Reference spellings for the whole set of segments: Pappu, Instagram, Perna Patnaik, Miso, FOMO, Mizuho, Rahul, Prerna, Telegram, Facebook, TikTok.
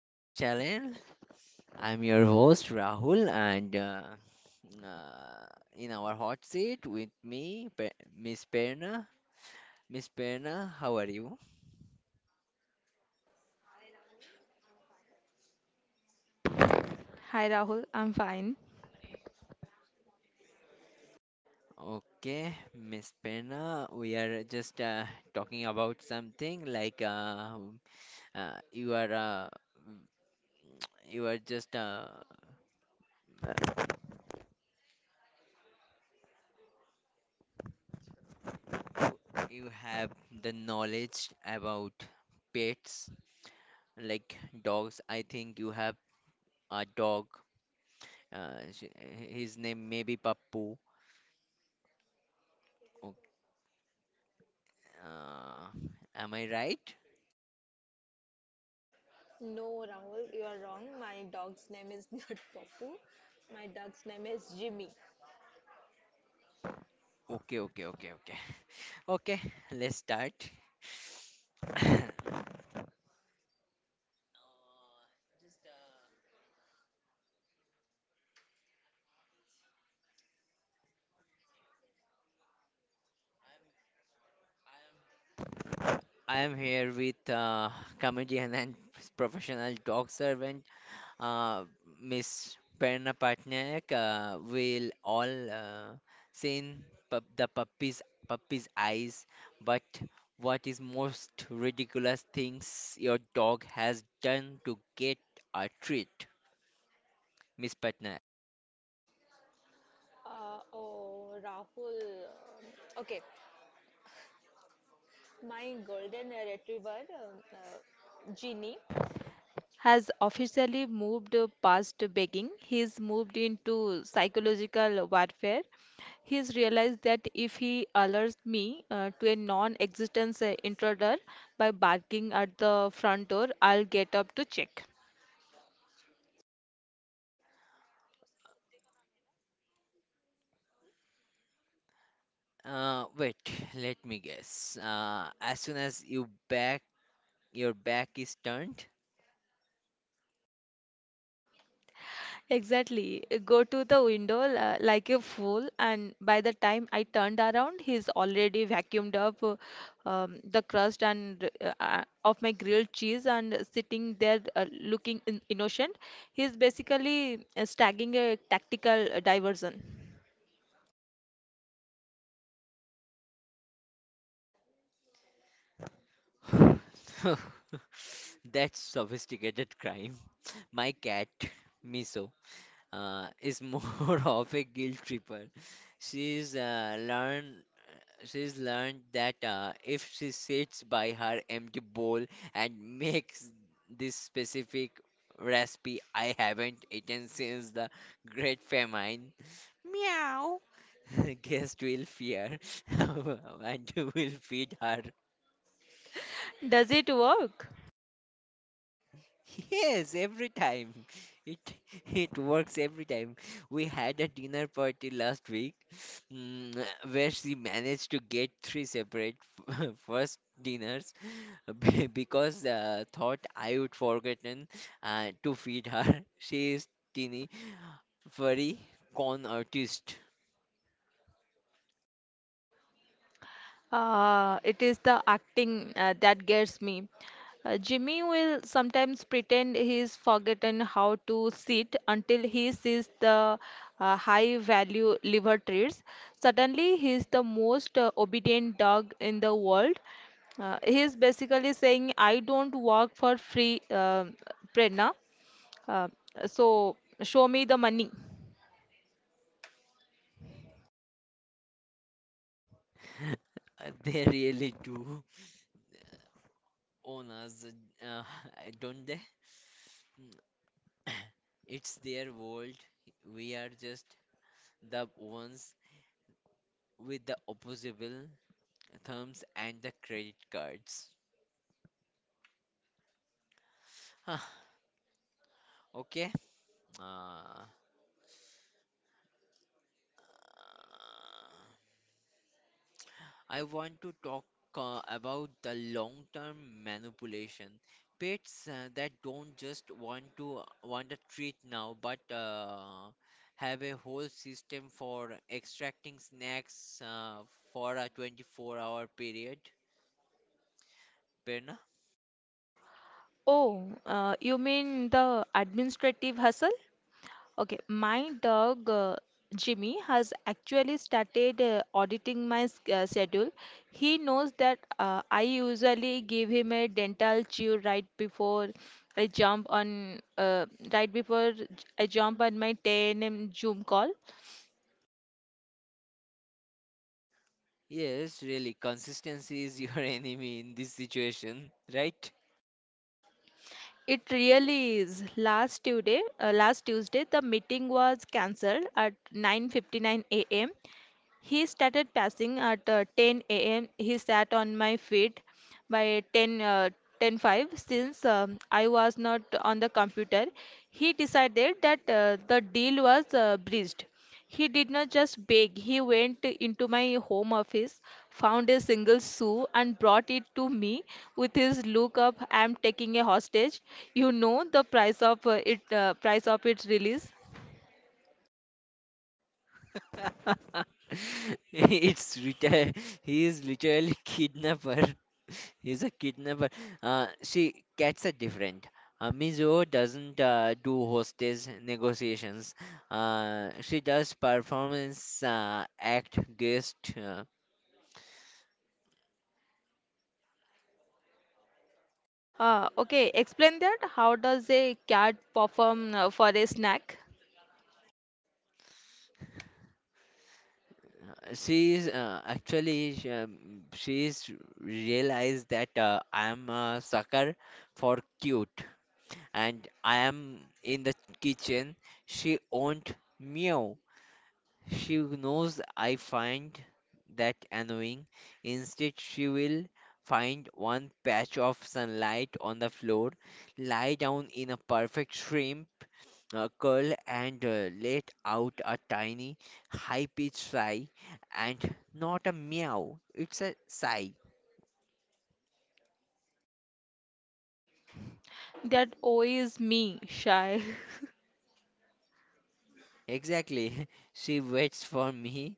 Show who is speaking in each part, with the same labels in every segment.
Speaker 1: podcast channel. I'm your host Rahul, and uh, in our hot seat with me, Miss Perna. Miss Perna, how are you?
Speaker 2: Hi Rahul, I'm fine.
Speaker 1: Okay, Miss Perna, we are just talking about something like uh, you are uh, you are just uh, you have the knowledge about pets like dogs. I think you have a dog. His name may be Pappu. Okay, uh, am I right?
Speaker 2: No, Rahul, you are wrong. My dog's name is not Popu. My dog's name is Jimmy.
Speaker 1: Okay, okay, okay, okay. Okay, let's start. I am here with comedian and professional dog servant, uh, Miss Perna Patnaik, will all seen pup the puppy's puppy's eyes. But what is most ridiculous things your dog has done to get a treat, Miss Patnaik?
Speaker 2: Oh, Rahul. Okay, my golden retriever, Ginny. Has officially moved past begging. He's moved into psychological warfare. He's realized that if he alerts me to a non existence intruder by barking at the front door, I'll get up to check.
Speaker 1: Wait, let me guess. As soon as your back is turned.
Speaker 2: Exactly. Go to the window like a fool, and by the time I turned around, he's already vacuumed up the crust and of my grilled cheese and sitting there looking in innocent. He's basically staging a tactical diversion.
Speaker 1: That's sophisticated crime. My cat, Miso, is more of a guilt tripper. She's uh, learned she's learned that if she sits by her empty bowl and makes this specific recipe I haven't eaten since the Great Famine, guests will fear and will feed her.
Speaker 2: Does it work?
Speaker 1: Yes, every time. It it works every time. We had a dinner party last week, mm, where she managed to get three separate first dinners because thought I would forgotten to feed her. She is teeny, furry, con artist.
Speaker 2: It is the acting that gets me. Jimmy will sometimes pretend he's forgotten how to sit until he sees the high value liver treats. Suddenly, he's the most obedient dog in the world. He's basically saying, I don't work for free, Prerna. Uh, so show me the money.
Speaker 1: They really do own us, uh, don't they? Mm. It's their world. We are just the ones with the opposable thumbs and the credit cards. Huh, okay. Uh, I want to talk about the long term manipulation. Pets that don't just want a treat now, but have a whole system for extracting snacks for a 24-hour period. Perna?
Speaker 2: Oh, you mean the administrative hustle? Okay, my dog Jimmy has actually started auditing my schedule. He knows that I usually give him a dental chew right before I jump on right before j- I jump on my 10 a.m. Zoom call.
Speaker 1: Yes, really, consistency is your enemy in this situation, right?
Speaker 2: It really is. Last Tuesday, the meeting was cancelled at 9:59 a.m. He started passing at 10 a.m. He sat on my feet by 10 uh, 10:05 since I was not on the computer. He decided that the deal was breached. He did not just beg. He went into my home office, found a single shoe, and brought it to me with his look of "I'm taking a hostage." You know the price of price of its release.
Speaker 1: It's retail. He is literally kidnapper. He's a kidnapper. See, cats are different. Mizuho doesn't do hostage negotiations. She does performance act guest.
Speaker 2: Okay, explain that. How does a cat perform for a snack?
Speaker 1: She is actually sh- she's realized that I am a sucker for cute, and I am in the kitchen. She won't meow. She knows I find that annoying. Instead, she will find one patch of sunlight on the floor, lie down in a perfect shrimp curl, and let out a tiny, high pitched sigh, and not a meow, it's a sigh.
Speaker 2: That O is me, shy.
Speaker 1: Exactly. She waits for me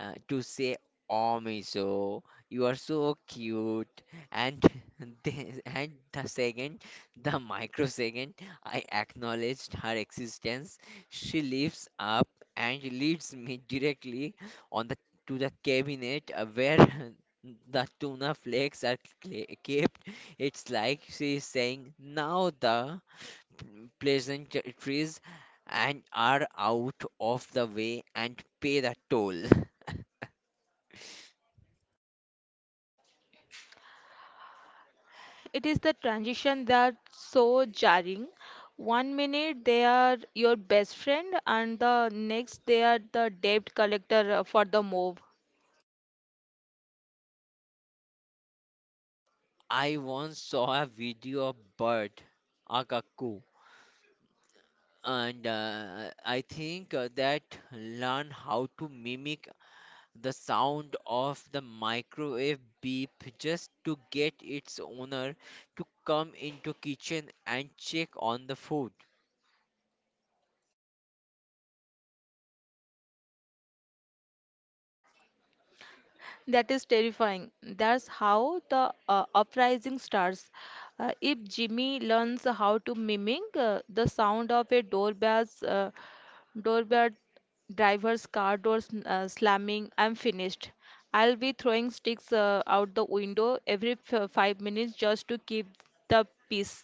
Speaker 1: to say, "Oh, Miso, you are so cute." And the, and the second, the microsecond, I acknowledged her existence, she lifts up and leads me directly on the to the cabinet where the tuna flakes are kept. It's like she is saying, now the pleasant trees and are out of the way and pay the toll.
Speaker 2: It is the transition that's so jarring. One minute they are your best friend, and the next they are the debt collector for the move.
Speaker 1: I once saw a video of bird, a cuckoo, and I think that learn how to mimic the sound of the microwave beep just to get its owner to come into kitchen and check on the food.
Speaker 2: That is terrifying. That's how the uprising starts. If Jimmy learns how to mimic the sound of a doorbell driver's car door slamming, I'm finished. I'll be throwing sticks out the window every 5 minutes just to keep the peace.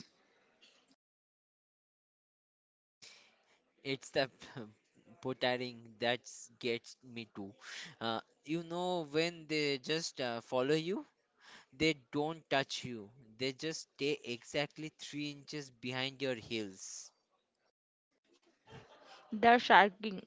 Speaker 1: It's the pottering that gets me too. You know, when they just follow you, they don't touch you, they just stay exactly 3 inches behind your heels.
Speaker 2: They're shaking.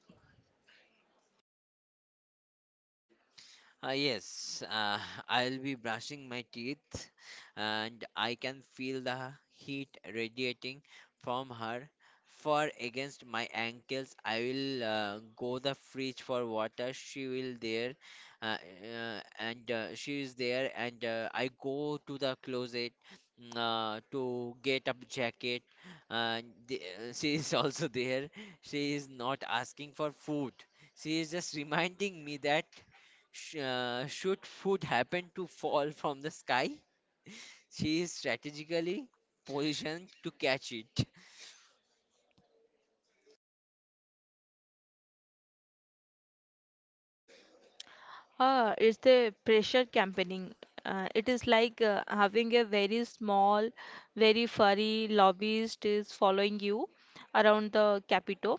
Speaker 1: Yes, I'll be brushing my teeth and I can feel the heat radiating from her. For against my ankles, I will go the fridge for water. She will there, uh, and she is there, and I go to the closet mm, to get a jacket. And the, she is also there. She is not asking for food. She is just reminding me that. Should food happen to fall from the sky, she is strategically positioned to catch it.
Speaker 2: Ah, it's the pressure campaigning. It is like having a very small, very furry lobbyist is following you around the Capitol.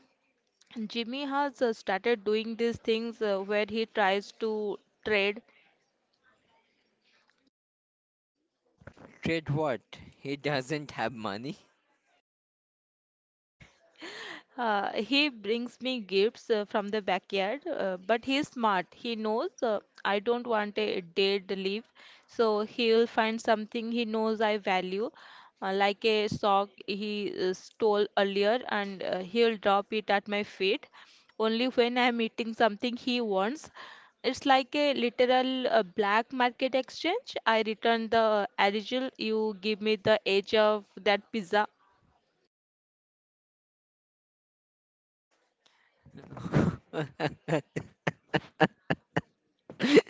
Speaker 2: Jimmy has started doing these things where he tries to trade.
Speaker 1: Trade what? He doesn't have money.
Speaker 2: He brings me gifts from the backyard, but he's smart. He knows I don't want a dead leaf, so he'll find something he knows I value, like a sock he stole earlier, and he'll drop it at my feet only when I'm eating something he wants. It's like a literal black market exchange. I return the original, you give me the edge of that pizza.
Speaker 1: he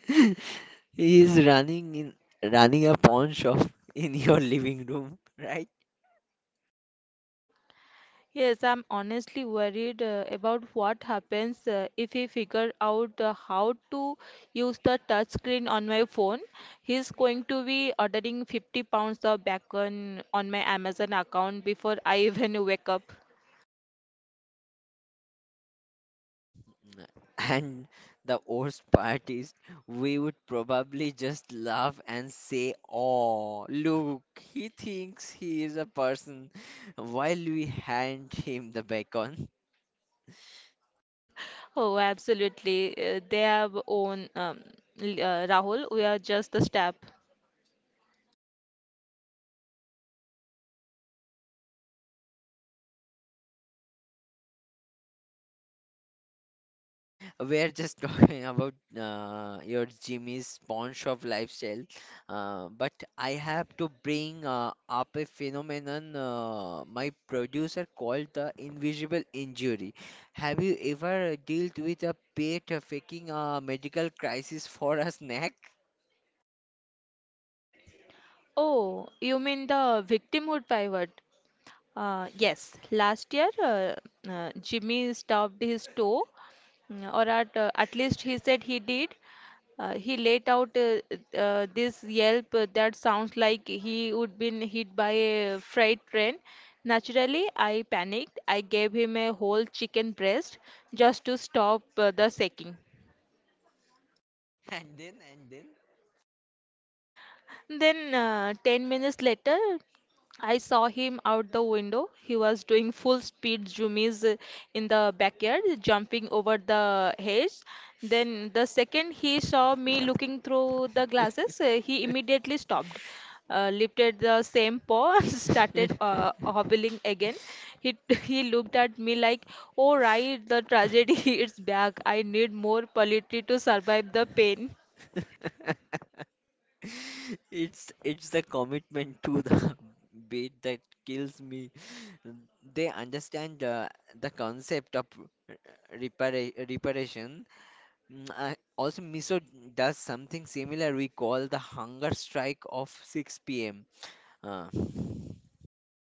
Speaker 1: is running a pawn shop in your living room, right?
Speaker 2: Yes, I'm honestly worried about what happens if he figure out how to use the touch screen on my phone. He's going to be ordering 50 pounds of bacon on my Amazon account before I even wake up.
Speaker 1: And the worst part is, we would probably just laugh and say, "Oh, look, he thinks he is a person," while we hand him the bacon.
Speaker 2: Oh, absolutely. They have own Rahul. We are just the staff.
Speaker 1: We are just talking about your Jimmy's pawn shop lifestyle, but I have to bring up a phenomenon my producer called the invisible injury. Have you ever dealt with a pet faking a medical crisis for a snack?
Speaker 2: Oh, you mean the victimhood pivot? Yes, last year Jimmy stubbed his toe, or at least he said he did. He let out this yelp that sounds like he would been hit by a freight train. Naturally, I panicked. I gave him a whole chicken breast just to stop the shaking.
Speaker 1: And
Speaker 2: Then, 10 minutes later, I saw him out the window. He was doing full speed zoomies in the backyard, jumping over the hedge. Then, the second he saw me looking through the glasses, he immediately stopped, lifted the same paw, and started
Speaker 1: and
Speaker 2: hobbling again. He, he looked at me like, Oh, right, the tragedy is back. I need more poetry to survive the pain.
Speaker 1: then, it's the commitment to the bait that kills me. They understand the concept of reparation. Mm, I- also, Miso does something similar. We call the hunger strike of 6 p.m. Uh,
Speaker 2: Uh,